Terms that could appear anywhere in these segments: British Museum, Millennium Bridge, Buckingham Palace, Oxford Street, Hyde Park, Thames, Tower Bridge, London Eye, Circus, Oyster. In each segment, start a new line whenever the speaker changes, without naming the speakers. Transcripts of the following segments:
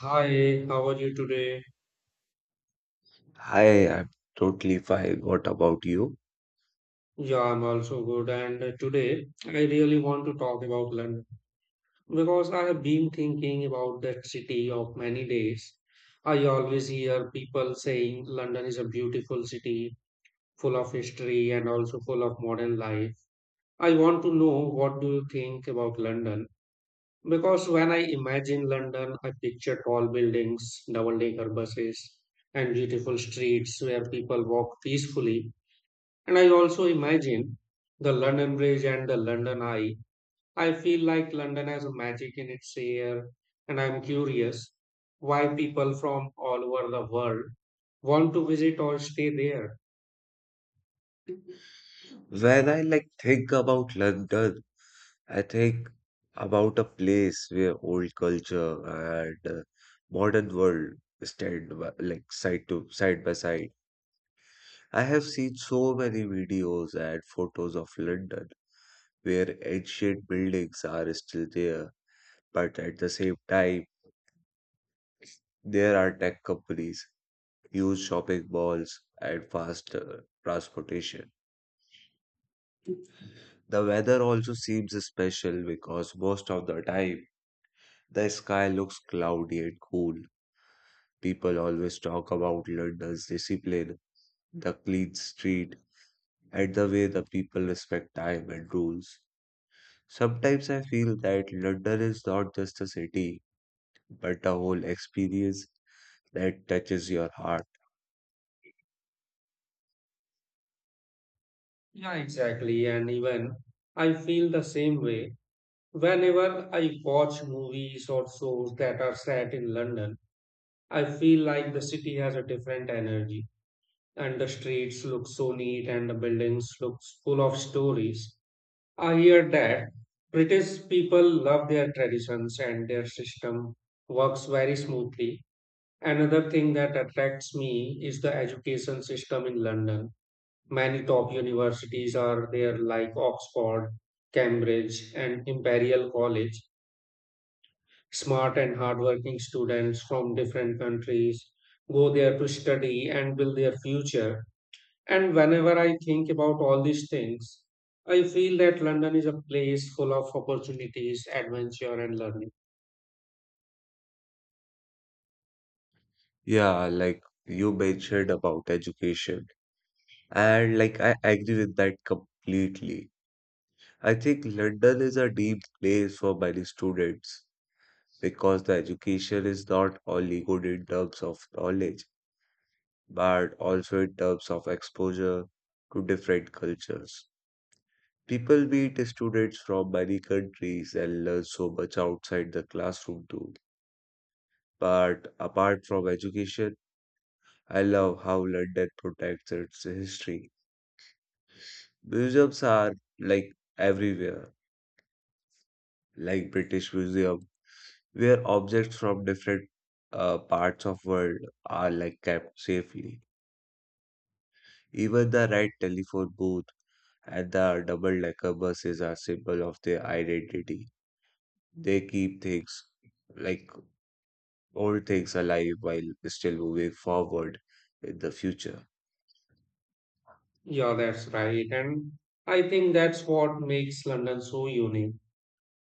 Hi, how are you today?
Hi, I'm totally fine. What about you?
Yeah, I'm also good. And today, I really want to talk about London because I have been thinking about that city of many days. I always hear people saying London is a beautiful city, full of history and also full of modern life. I want to know, what do you think about London? Because when I imagine London, I picture tall buildings, double-decker buses, and beautiful streets where people walk peacefully. And I also imagine the London Bridge and the London Eye. I feel like London has a magic in its air, and I'm curious why people from all over the world want to visit or stay there.
When I like think about London, I think about a place where old culture and modern world stand by, like side by side. I have seen so many videos and photos of London where ancient buildings are still there, but at the same time, there are tech companies, huge shopping malls, and fast transportation. The weather also seems special because most of the time the sky looks cloudy and cool. People always talk about London's discipline, the clean street, and the way the people respect time and rules. Sometimes I feel that London is not just a city, but a whole experience that touches your heart.
Yeah, exactly. And even I feel the same way. Whenever I watch movies or shows that are set in London, I feel like the city has a different energy. And the streets look so neat, and the buildings look full of stories. I hear that British people love their traditions and their system works very smoothly. Another thing that attracts me is the education system in London. Many top universities are there, like Oxford, Cambridge, and Imperial College. Smart and hardworking students from different countries go there to study and build their future. And whenever I think about all these things, I feel that London is a place full of opportunities, adventure, and learning.
Yeah, like you mentioned about education, and like I agree with that completely. I think London is a deep place for many students because the education is not only good in terms of knowledge, but also in terms of exposure to different cultures. People meet students from many countries and learn so much outside the classroom too. But apart from education, I love how London protects its history. Museums are like everywhere, like British Museum where objects from different parts of world are like kept safely. Even the red telephone booth and the double-decker buses are symbol of their identity. They keep things like old things alive while still moving forward in the future.
Yeah, that's right. And I think that's what makes London so unique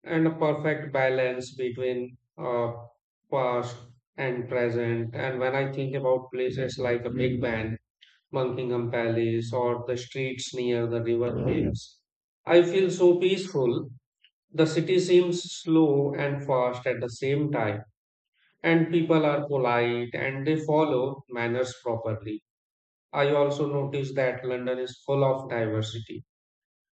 and a perfect balance between past and present. And when I think about places like a Big Ben, Buckingham Palace, or the streets near the River Thames, I feel so peaceful. The city seems slow and fast at the same time, and people are polite and they follow manners properly. I also noticed that London is full of diversity.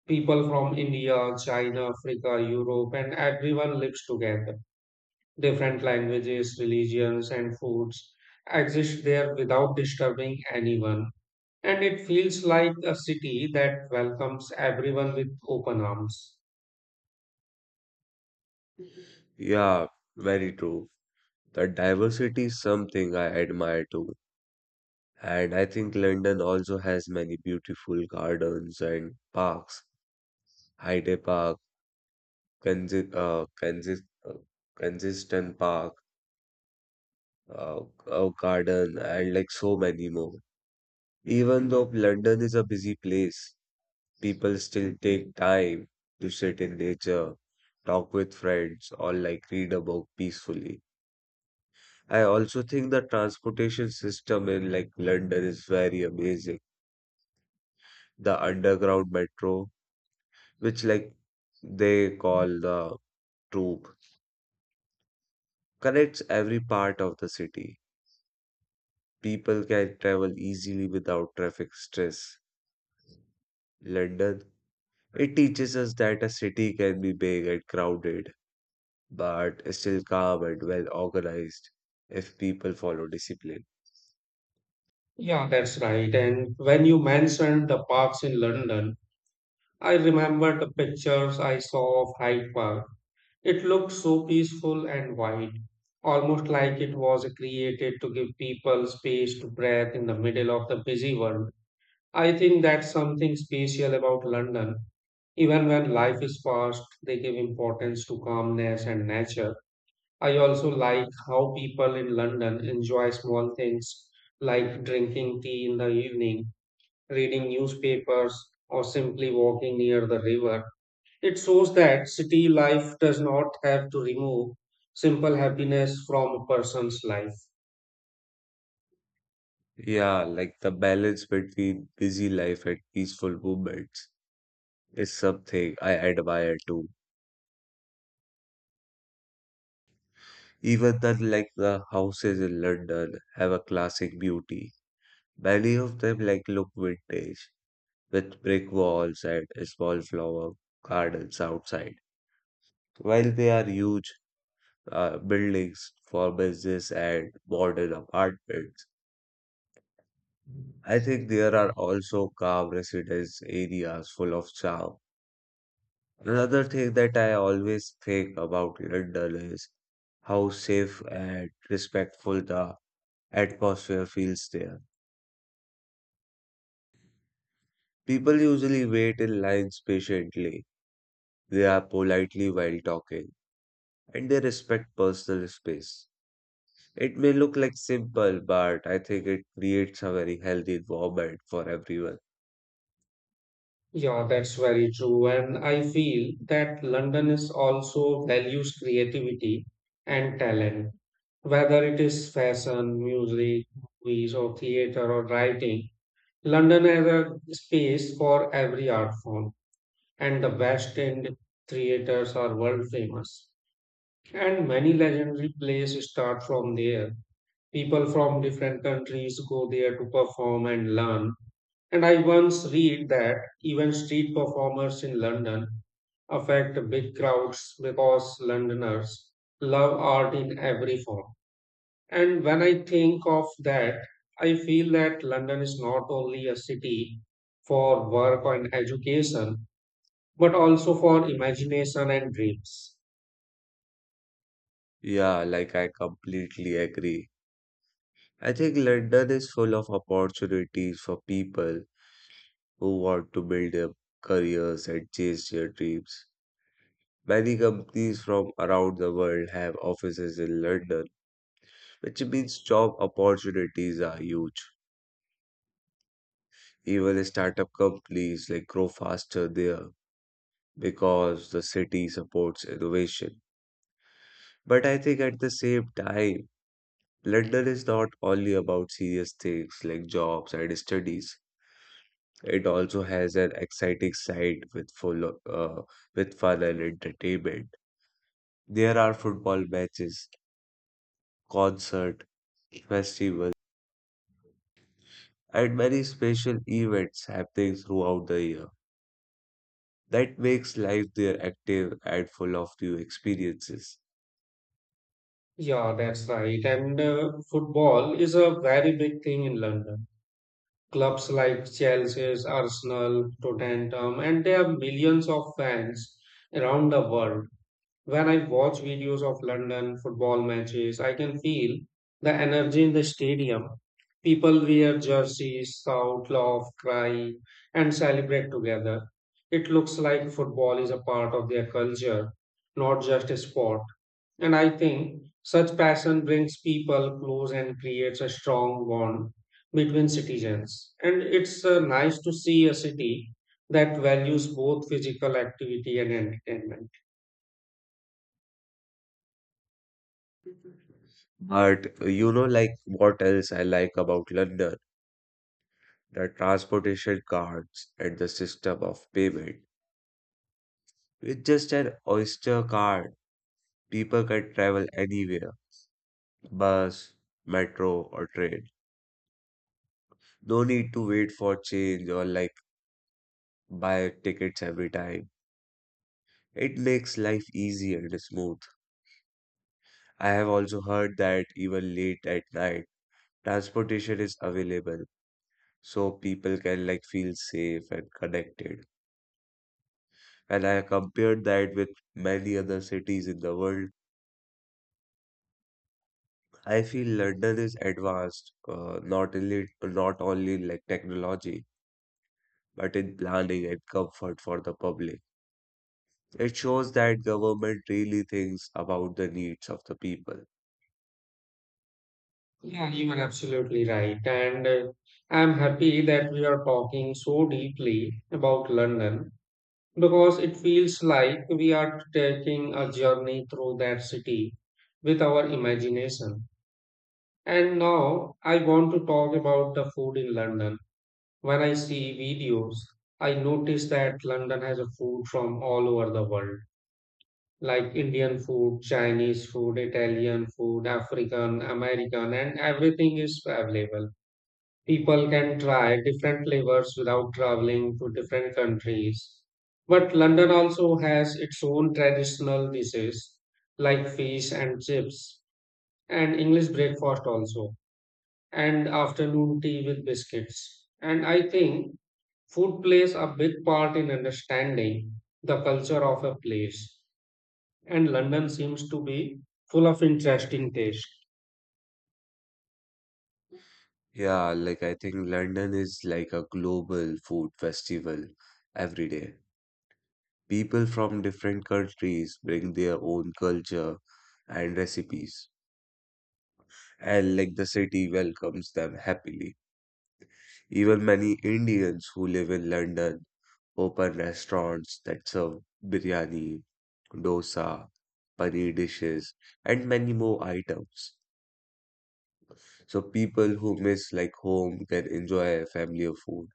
People from India, China, Africa, Europe, and everyone lives together. Different languages, religions, and foods exist there without disturbing anyone. And it feels like a city that welcomes everyone with open arms.
Yeah, very true. The diversity is something I admire too. And I think London also has many beautiful gardens and parks. Hyde Park consi- uh, consist, uh, consistent park, uh, garden, and like so many more. Even though London is a busy place, people still take time to sit in nature, talk with friends, or like read a book peacefully. I also think the transportation system in like London is very amazing. The underground metro, which like they call the tube, connects every part of the city. People can travel easily without traffic stress. London, it teaches us that a city can be big and crowded, but still calm and well organized if people follow discipline.
Yeah, that's right. And when you mentioned the parks in London, I remember the pictures I saw of Hyde Park. It looked so peaceful and wide, almost like it was created to give people space to breathe in the middle of the busy world. I think that's something special about London. Even when life is fast, they give importance to calmness and nature. I also like how people in London enjoy small things like drinking tea in the evening, reading newspapers, or simply walking near the river. It shows that city life does not have to remove simple happiness from a person's life.
Yeah, like the balance between busy life and peaceful movements is something I admire too. Even the like the houses in London have a classic beauty. Many of them like look vintage with brick walls and small flower gardens outside. While they are huge buildings for business and modern apartments, I think there are also calm residence areas full of charm. Another thing that I always think about London is how safe and respectful the atmosphere feels there. People usually wait in lines patiently, they are politely while talking, and they respect personal space. It may look like simple, but I think it creates a very healthy environment for everyone.
Yeah, that's very true. And I feel that London is also values creativity and talent. Whether it is fashion, music, movies, or theater or writing, London has a space for every art form. And the West End theaters are world famous. And many legendary plays start from there. People from different countries go there to perform and learn. And I once read that even street performers in London affect big crowds because Londoners love art in every form. And when I think of that, I feel that London is not only a city for work and education, but also for imagination and dreams.
Yeah, like I completely agree. I think London is full of opportunities for people who want to build their careers and chase their dreams. Many companies from around the world have offices in London, which means job opportunities are huge. Even startup companies like grow faster there because the city supports innovation. But I think at the same time, London is not only about serious things like jobs and studies. It also has an exciting side with with fun and entertainment. There are football matches, concert, festivals, and many special events happening throughout the year. That makes life there active and full of new experiences.
Yeah, that's right. And football is a very big thing in London. Clubs like Chelsea, Arsenal, Tottenham, and they have millions of fans around the world. When I watch videos of London football matches, I can feel the energy in the stadium. People wear jerseys, shout, laugh, cry, and celebrate together. It looks like football is a part of their culture, not just a sport. And I think such passion brings people close and creates a strong bond between citizens. And it's nice to see a city that values both physical activity and entertainment.
But you know, like what else I like about London? The transportation cards and the system of payment. With just an Oyster card, people can travel anywhere bus, metro, or train. No need to wait for change or like buy tickets every time. It makes life easy and smooth. I have also heard that even late at night, transportation is available so people can like feel safe and connected. And I compared that with many other cities in the world. I feel London is advanced, not only in like technology, but in planning and comfort for the public. It shows that government really thinks about the needs of the people.
Yeah, you are absolutely right. And I'm happy that we are talking so deeply about London because it feels like we are taking a journey through that city with our imagination. And now I want to talk about the food in London. When I see videos, I notice that London has a food from all over the world, like Indian food, Chinese food, Italian food, African, American, and everything is available. People can try different flavors without traveling to different countries. But London also has its own traditional dishes like fish and chips, and English breakfast also, and afternoon tea with biscuits. And I think food plays a big part in understanding the culture of a place, and London seems to be full of interesting taste.
Yeah, like I think London is like a global food festival every day. People from different countries bring their own culture and recipes, and like the city welcomes them happily. Even many Indians who live in London open restaurants that serve biryani, dosa, paneer dishes, and many more items. So people who miss like home can enjoy a family of food.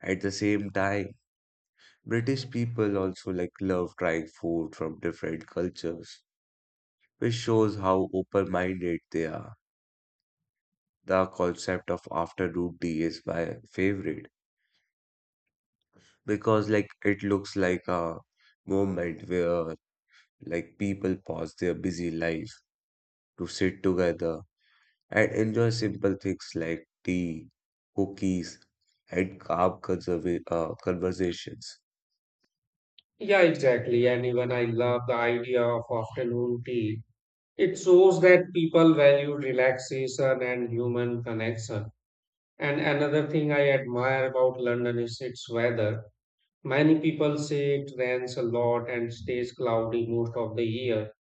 At the same time, British people also like love trying food from different cultures, which shows how open-minded they are. The concept of afternoon tea is my favorite because like it looks like a moment where like people pause their busy life to sit together and enjoy simple things like tea, cookies, and calm conversations.
Yeah, exactly. And even I love the idea of afternoon tea. It shows that people value relaxation and human connection. And another thing I admire about London is its weather. Many people say it rains a lot and stays cloudy most of the year.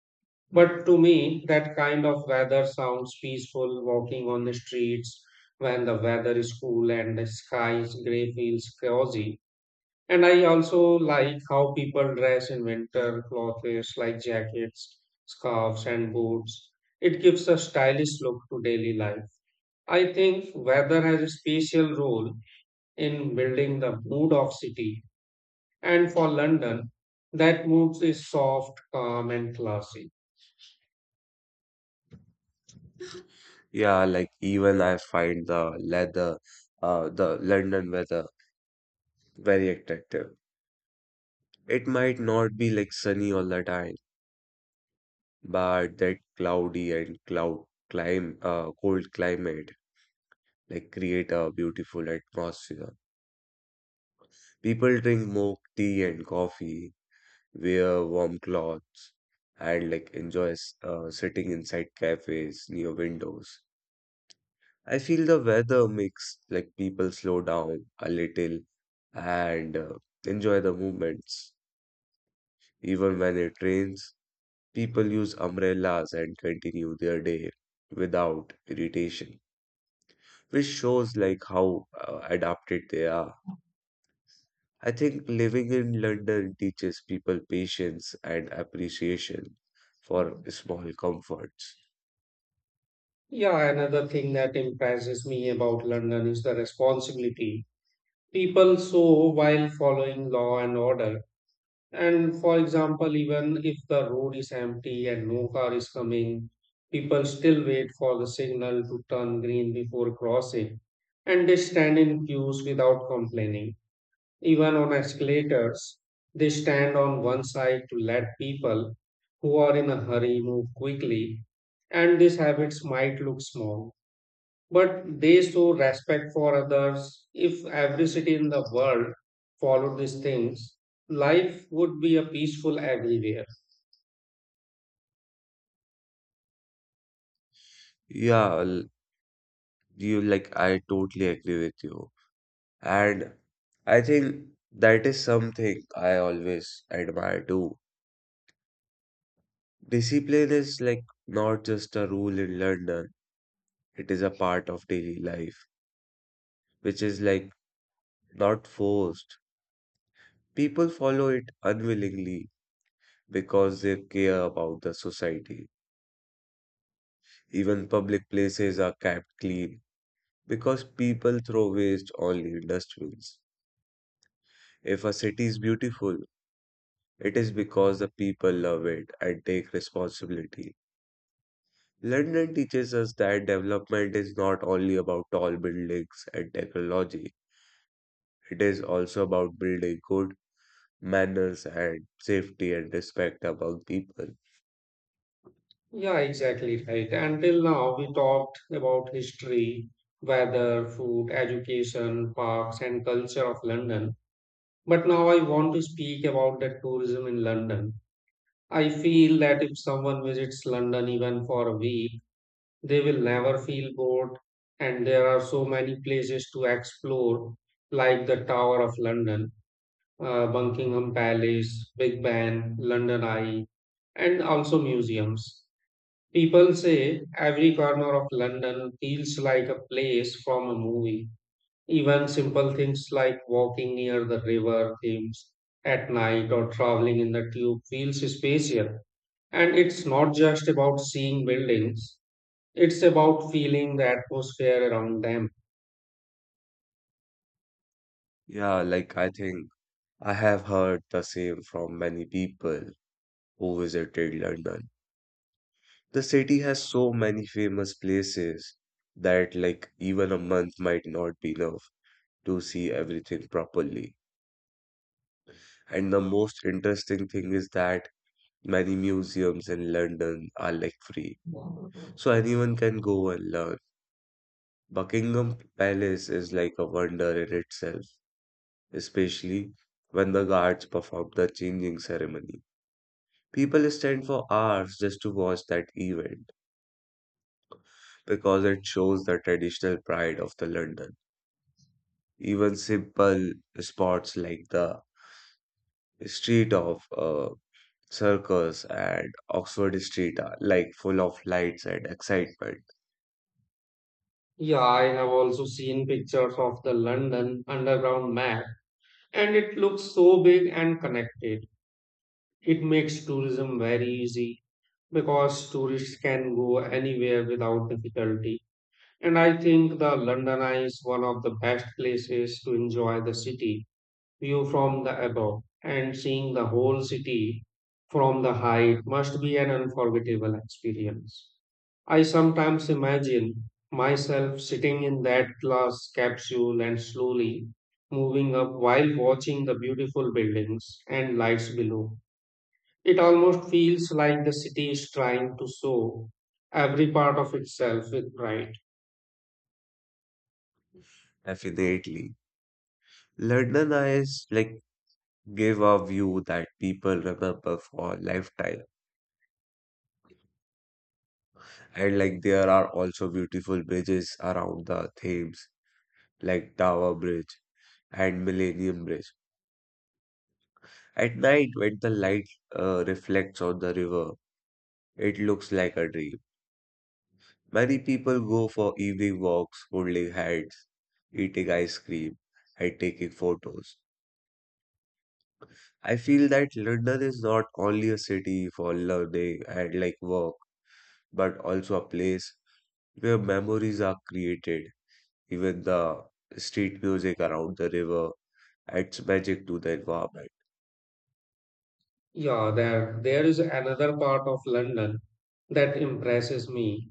But to me, that kind of weather sounds peaceful. Walking on the streets when the weather is cool and the sky is gray feels cozy. And I also like how people dress in winter clothes like jackets, scarves, and boots. It gives a stylish look to daily life. I think weather has a special role in building the mood of city. And for London, that mood is soft, calm, and classy.
Yeah, like even I find the London weather very attractive. It might not be like sunny all the time, but that cloudy and cold climate like create a beautiful atmosphere. People drink more tea and coffee, wear warm clothes, and like enjoy sitting inside cafes near windows. I feel the weather makes like people slow down a little and enjoy the movements. Even when it rains, people use umbrellas and continue their day without irritation, which shows like how adapted they are. I think living in London teaches people patience and appreciation for small comforts.
Yeah, another thing that impresses me about London is the responsibility people show while following law and order. And for example, even if the road is empty and no car is coming, people still wait for the signal to turn green before crossing. And they stand in queues without complaining. Even on escalators, they stand on one side to let people who are in a hurry move quickly. And these habits might look small, but they show respect for others. If every city in the world followed these things, life would be a peaceful everywhere.
Yeah, you like, I totally agree with you. And I think that is something I always admire too. Discipline is like not just a rule in London, it is a part of daily life, which is like not forced. People follow it unwillingly because they care about the society. Even public places are kept clean because people throw waste only in dustbins. If a city is beautiful, it is because the people love it and take responsibility. London teaches us that development is not only about tall buildings and technology, it is also about building good manners and safety and respect among people.
Yeah, exactly right. Until now, we talked about history, weather, food, education, parks, and culture of London. But now I want to speak about the tourism in London. I feel that if someone visits London even for a week, they will never feel bored, and there are so many places to explore, like the Tower of London, Buckingham Palace, Big Ben, London Eye, and also museums. People say every corner of London feels like a place from a movie. Even simple things like walking near the river Thames at night or traveling in the tube feels spatial. And it's not just about seeing buildings. It's about feeling the atmosphere around them.
Yeah, like I think I have heard the same from many people who visited London. The city has so many famous places that, like, even a month might not be enough to see everything properly. And the most interesting thing is that many museums in London are like free, so anyone can go and learn. Buckingham Palace is like a wonder in itself, especially when the guards perform the changing ceremony. People stand for hours just to watch that event because it shows the traditional pride of the London. Even simple spots like the street of Circus and Oxford Street are like full of lights and excitement.
Yeah, I have also seen pictures of the London Underground map, and it looks so big and connected. It makes tourism very easy because tourists can go anywhere without difficulty. And I think the London Eye is one of the best places to enjoy the city. View from the above, and seeing the whole city from the height must be an unforgettable experience. I sometimes imagine myself sitting in that glass capsule and slowly moving up while watching the beautiful buildings and lights below. It almost feels like the city is trying to show every part of itself with pride.
Definitely. London Eyes like give a view that people remember for a lifetime. And like there are also beautiful bridges around the Thames, like Tower Bridge and Millennium Bridge. At night, when the light reflects on the river, it looks like a dream. Many people go for evening walks, holding hands, eating ice cream, and taking photos. I feel that London is not only a city for learning and like work, but also a place where memories are created. Even the street music around the river adds magic to the environment.
Yeah, there is another part of London that impresses me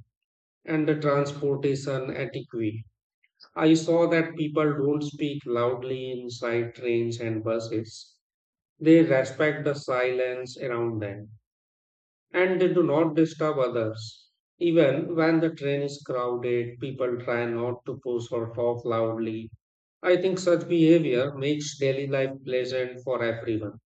and the transportation etiquette. I saw that people don't speak loudly inside trains and buses. They respect the silence around them and they do not disturb others. Even when the train is crowded, people try not to push or talk loudly. I think such behavior makes daily life pleasant for everyone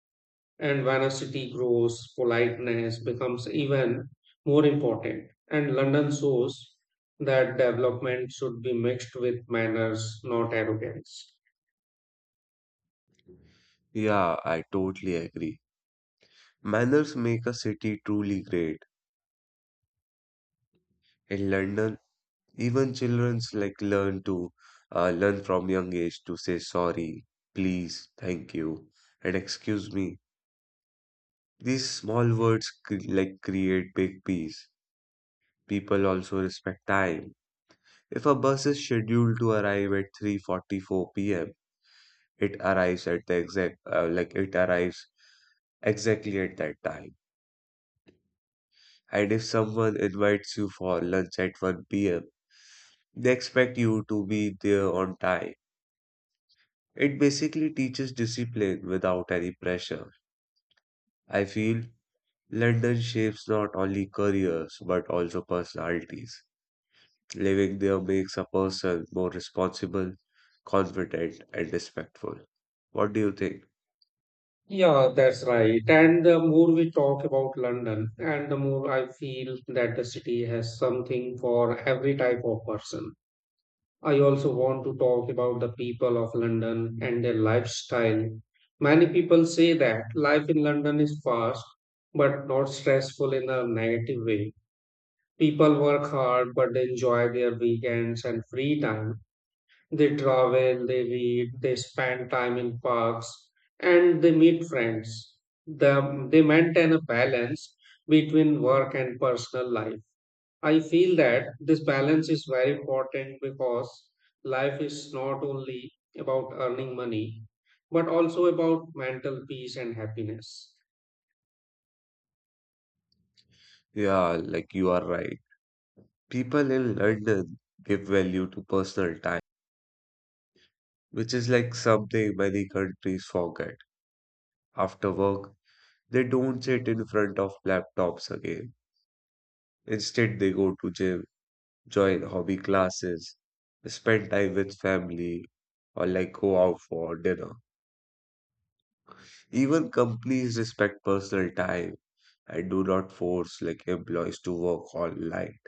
and vanity grows, politeness becomes even more important. And London shows that development should be mixed with manners, not arrogance.
Yeah, I totally agree. Manners make a city truly great. In London, even children's like learn from young age to say sorry, please, thank you, and excuse me. These small words like create big peace. People also respect time. If a bus is scheduled to arrive at 3:44 p.m., it arrives at the exact like it arrives exactly at that time. And if someone invites you for lunch at 1 p.m., they expect you to be there on time. It basically teaches discipline without any pressure. I feel London shapes not only careers but also personalities. Living there makes a person more responsible, confident, and respectful. What do you think?
Yeah, that's right. And the more we talk about London, and the more I feel that the city has something for every type of person. I also want to talk about the people of London and their lifestyle. Many people say that life in London is fast but not stressful in a negative way. People work hard but they enjoy their weekends and free time. They travel, they read, they spend time in parks, and they meet friends. They maintain a balance between work and personal life. I feel that this balance is very important because life is not only about earning money, but also about mental peace and happiness.
Yeah, like you are right. People in London give value to personal time, which is like something many countries forget. After work, they don't sit in front of laptops again. Instead, they go to gym, join hobby classes, spend time with family, or like go out for dinner. Even companies respect personal time and do not force like employees to work all night.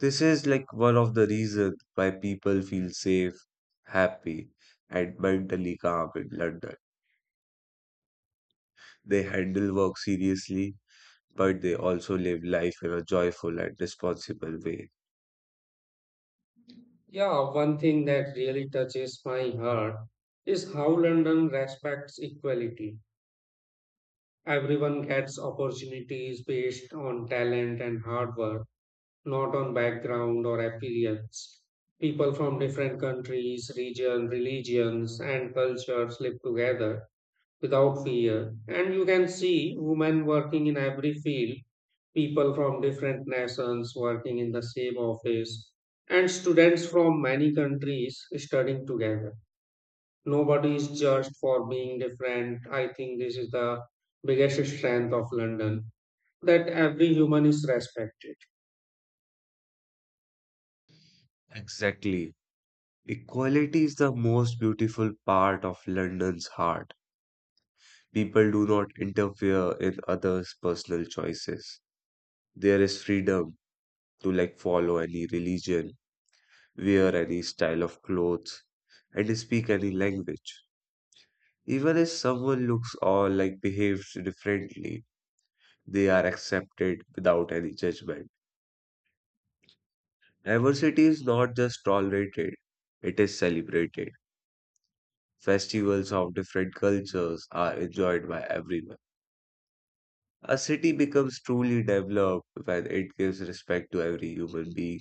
This is like one of the reasons why people feel safe, happy, and mentally calm in London. They handle work seriously, but they also live life in a joyful and responsible way.
Yeah, one thing that really touches my heart is how London respects equality. Everyone gets opportunities based on talent and hard work, not on background or appearance. People from different countries, regions, religions, and cultures live together without fear. And you can see women working in every field, people from different nations working in the same office, and students from many countries studying together. Nobody is judged for being different. I think this is the biggest strength of London that every human is respected.
Exactly. Equality is the most beautiful part of London's heart. People do not interfere in others' personal choices. There is freedom to like follow any religion, wear any style of clothes, and speak any language. Even if someone looks or like behaves differently, they are accepted without any judgment. Diversity is not just tolerated, it is celebrated. Festivals of different cultures are enjoyed by everyone. A city becomes truly developed when it gives respect to every human being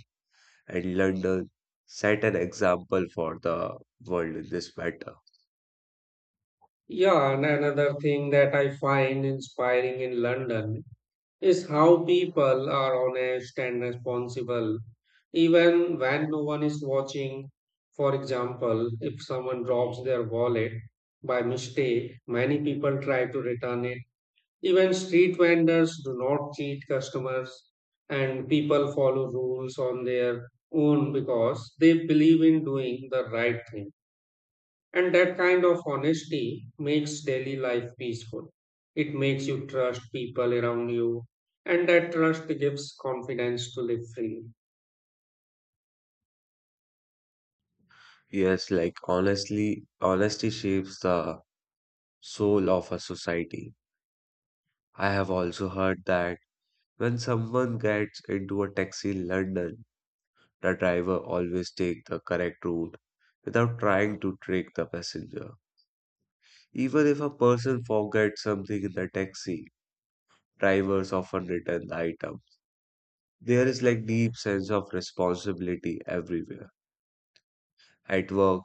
and London set an example for the world in this matter.
Yeah, and another thing that I find inspiring in London is how people are honest and responsible even when no one is watching. For example, if someone drops their wallet by mistake, many people try to return it. Even street vendors do not cheat customers, and people follow rules on their own because they believe in doing the right thing. And that kind of honesty makes daily life peaceful. It makes you trust people around you, and that trust gives confidence to live freely.
Yes, like honestly, honesty shapes the soul of a society. I have also heard that when someone gets into a taxi in London, the driver always take the correct route without trying to trick the passenger. Even if a person forgets something in the taxi, drivers often return the item. There is like deep sense of responsibility everywhere. At work,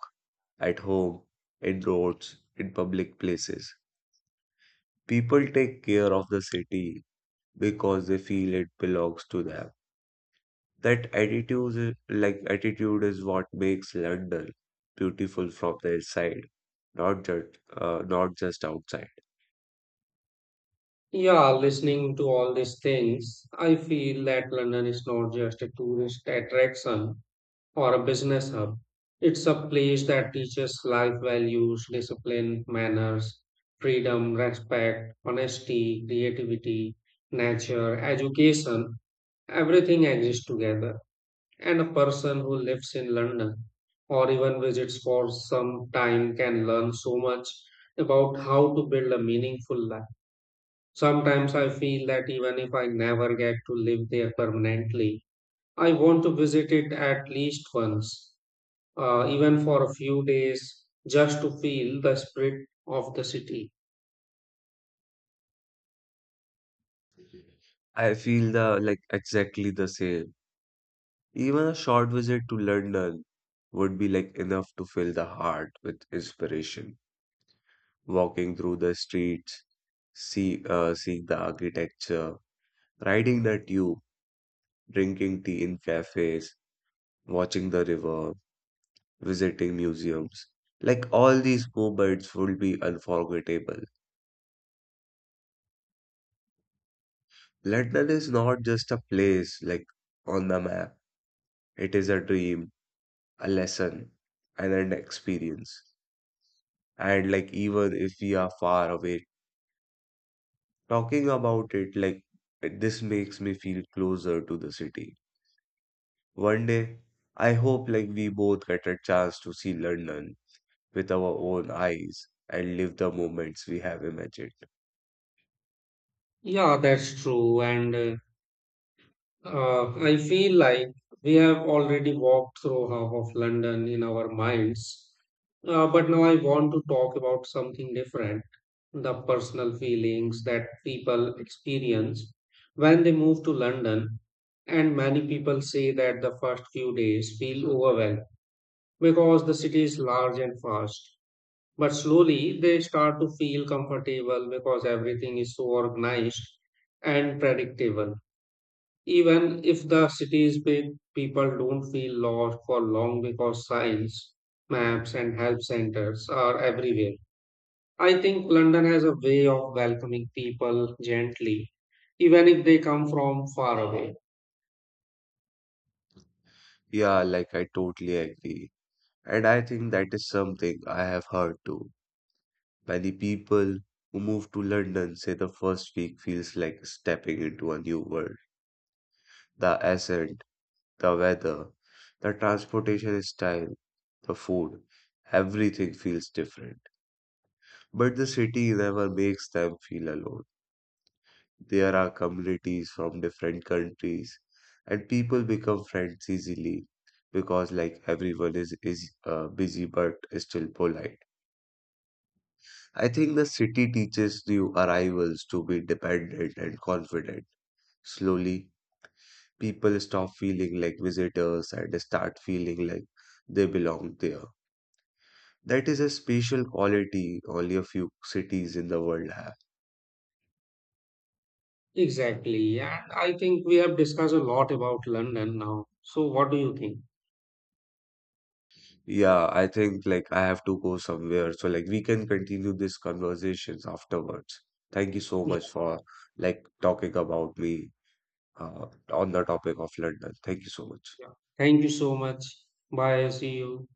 at home, in roads, in public places. People take care of the city because they feel it belongs to them. That attitude, is what makes London beautiful from the inside, not just outside.
Yeah, listening to all these things, I feel that London is not just a tourist attraction or a business hub. It's a place that teaches life values, discipline, manners, freedom, respect, honesty, creativity, nature, education, everything exists together. And a person who lives in London or even visits for some time can learn so much about how to build a meaningful life. Sometimes I feel that even if I never get to live there permanently, I want to visit it at least once, even for a few days, just to feel the spirit of the city.
I feel the like exactly the same. Even a short visit to London would be like enough to fill the heart with inspiration. Walking through the streets, seeing the architecture, riding the tube, drinking tea in cafes, watching the river, visiting museums. Like all these moments will be unforgettable. London is not just a place like on the map. It is a dream, a lesson, and an experience. And like even if we are far away, talking about it like this makes me feel closer to the city. One day, I hope like we both get a chance to see London with our own eyes and live the moments we have imagined.
Yeah, that's true. And I feel like we have already walked through half of London in our minds. But now I want to talk about something different, the personal feelings that people experience when they move to London. And many people say that the first few days feel overwhelmed because the city is large and fast. But slowly they start to feel comfortable because everything is so organized and predictable. Even if the city is big, people don't feel lost for long because signs, maps, and help centers are everywhere. I think London has a way of welcoming people gently, even if they come from far away.
Yeah, like I totally agree. And I think that is something I have heard too. Many people who move to London say the first week feels like stepping into a new world. The accent, the weather, the transportation style, the food, everything feels different. But the city never makes them feel alone. There are communities from different countries, and people become friends easily because, like, everyone is busy but still polite. I think the city teaches new arrivals to be dependent and confident. Slowly, people stop feeling like visitors and start feeling like they belong there. That is a special quality only a few cities in the world have.
Exactly. And I think we have discussed a lot about London now. So, what do you think?
Yeah, I think like I have to go somewhere. So like we can continue these conversations afterwards. Thank you so much for like talking about me on the topic of London. Thank you so much.
Yeah. Thank you so much. Bye. See you.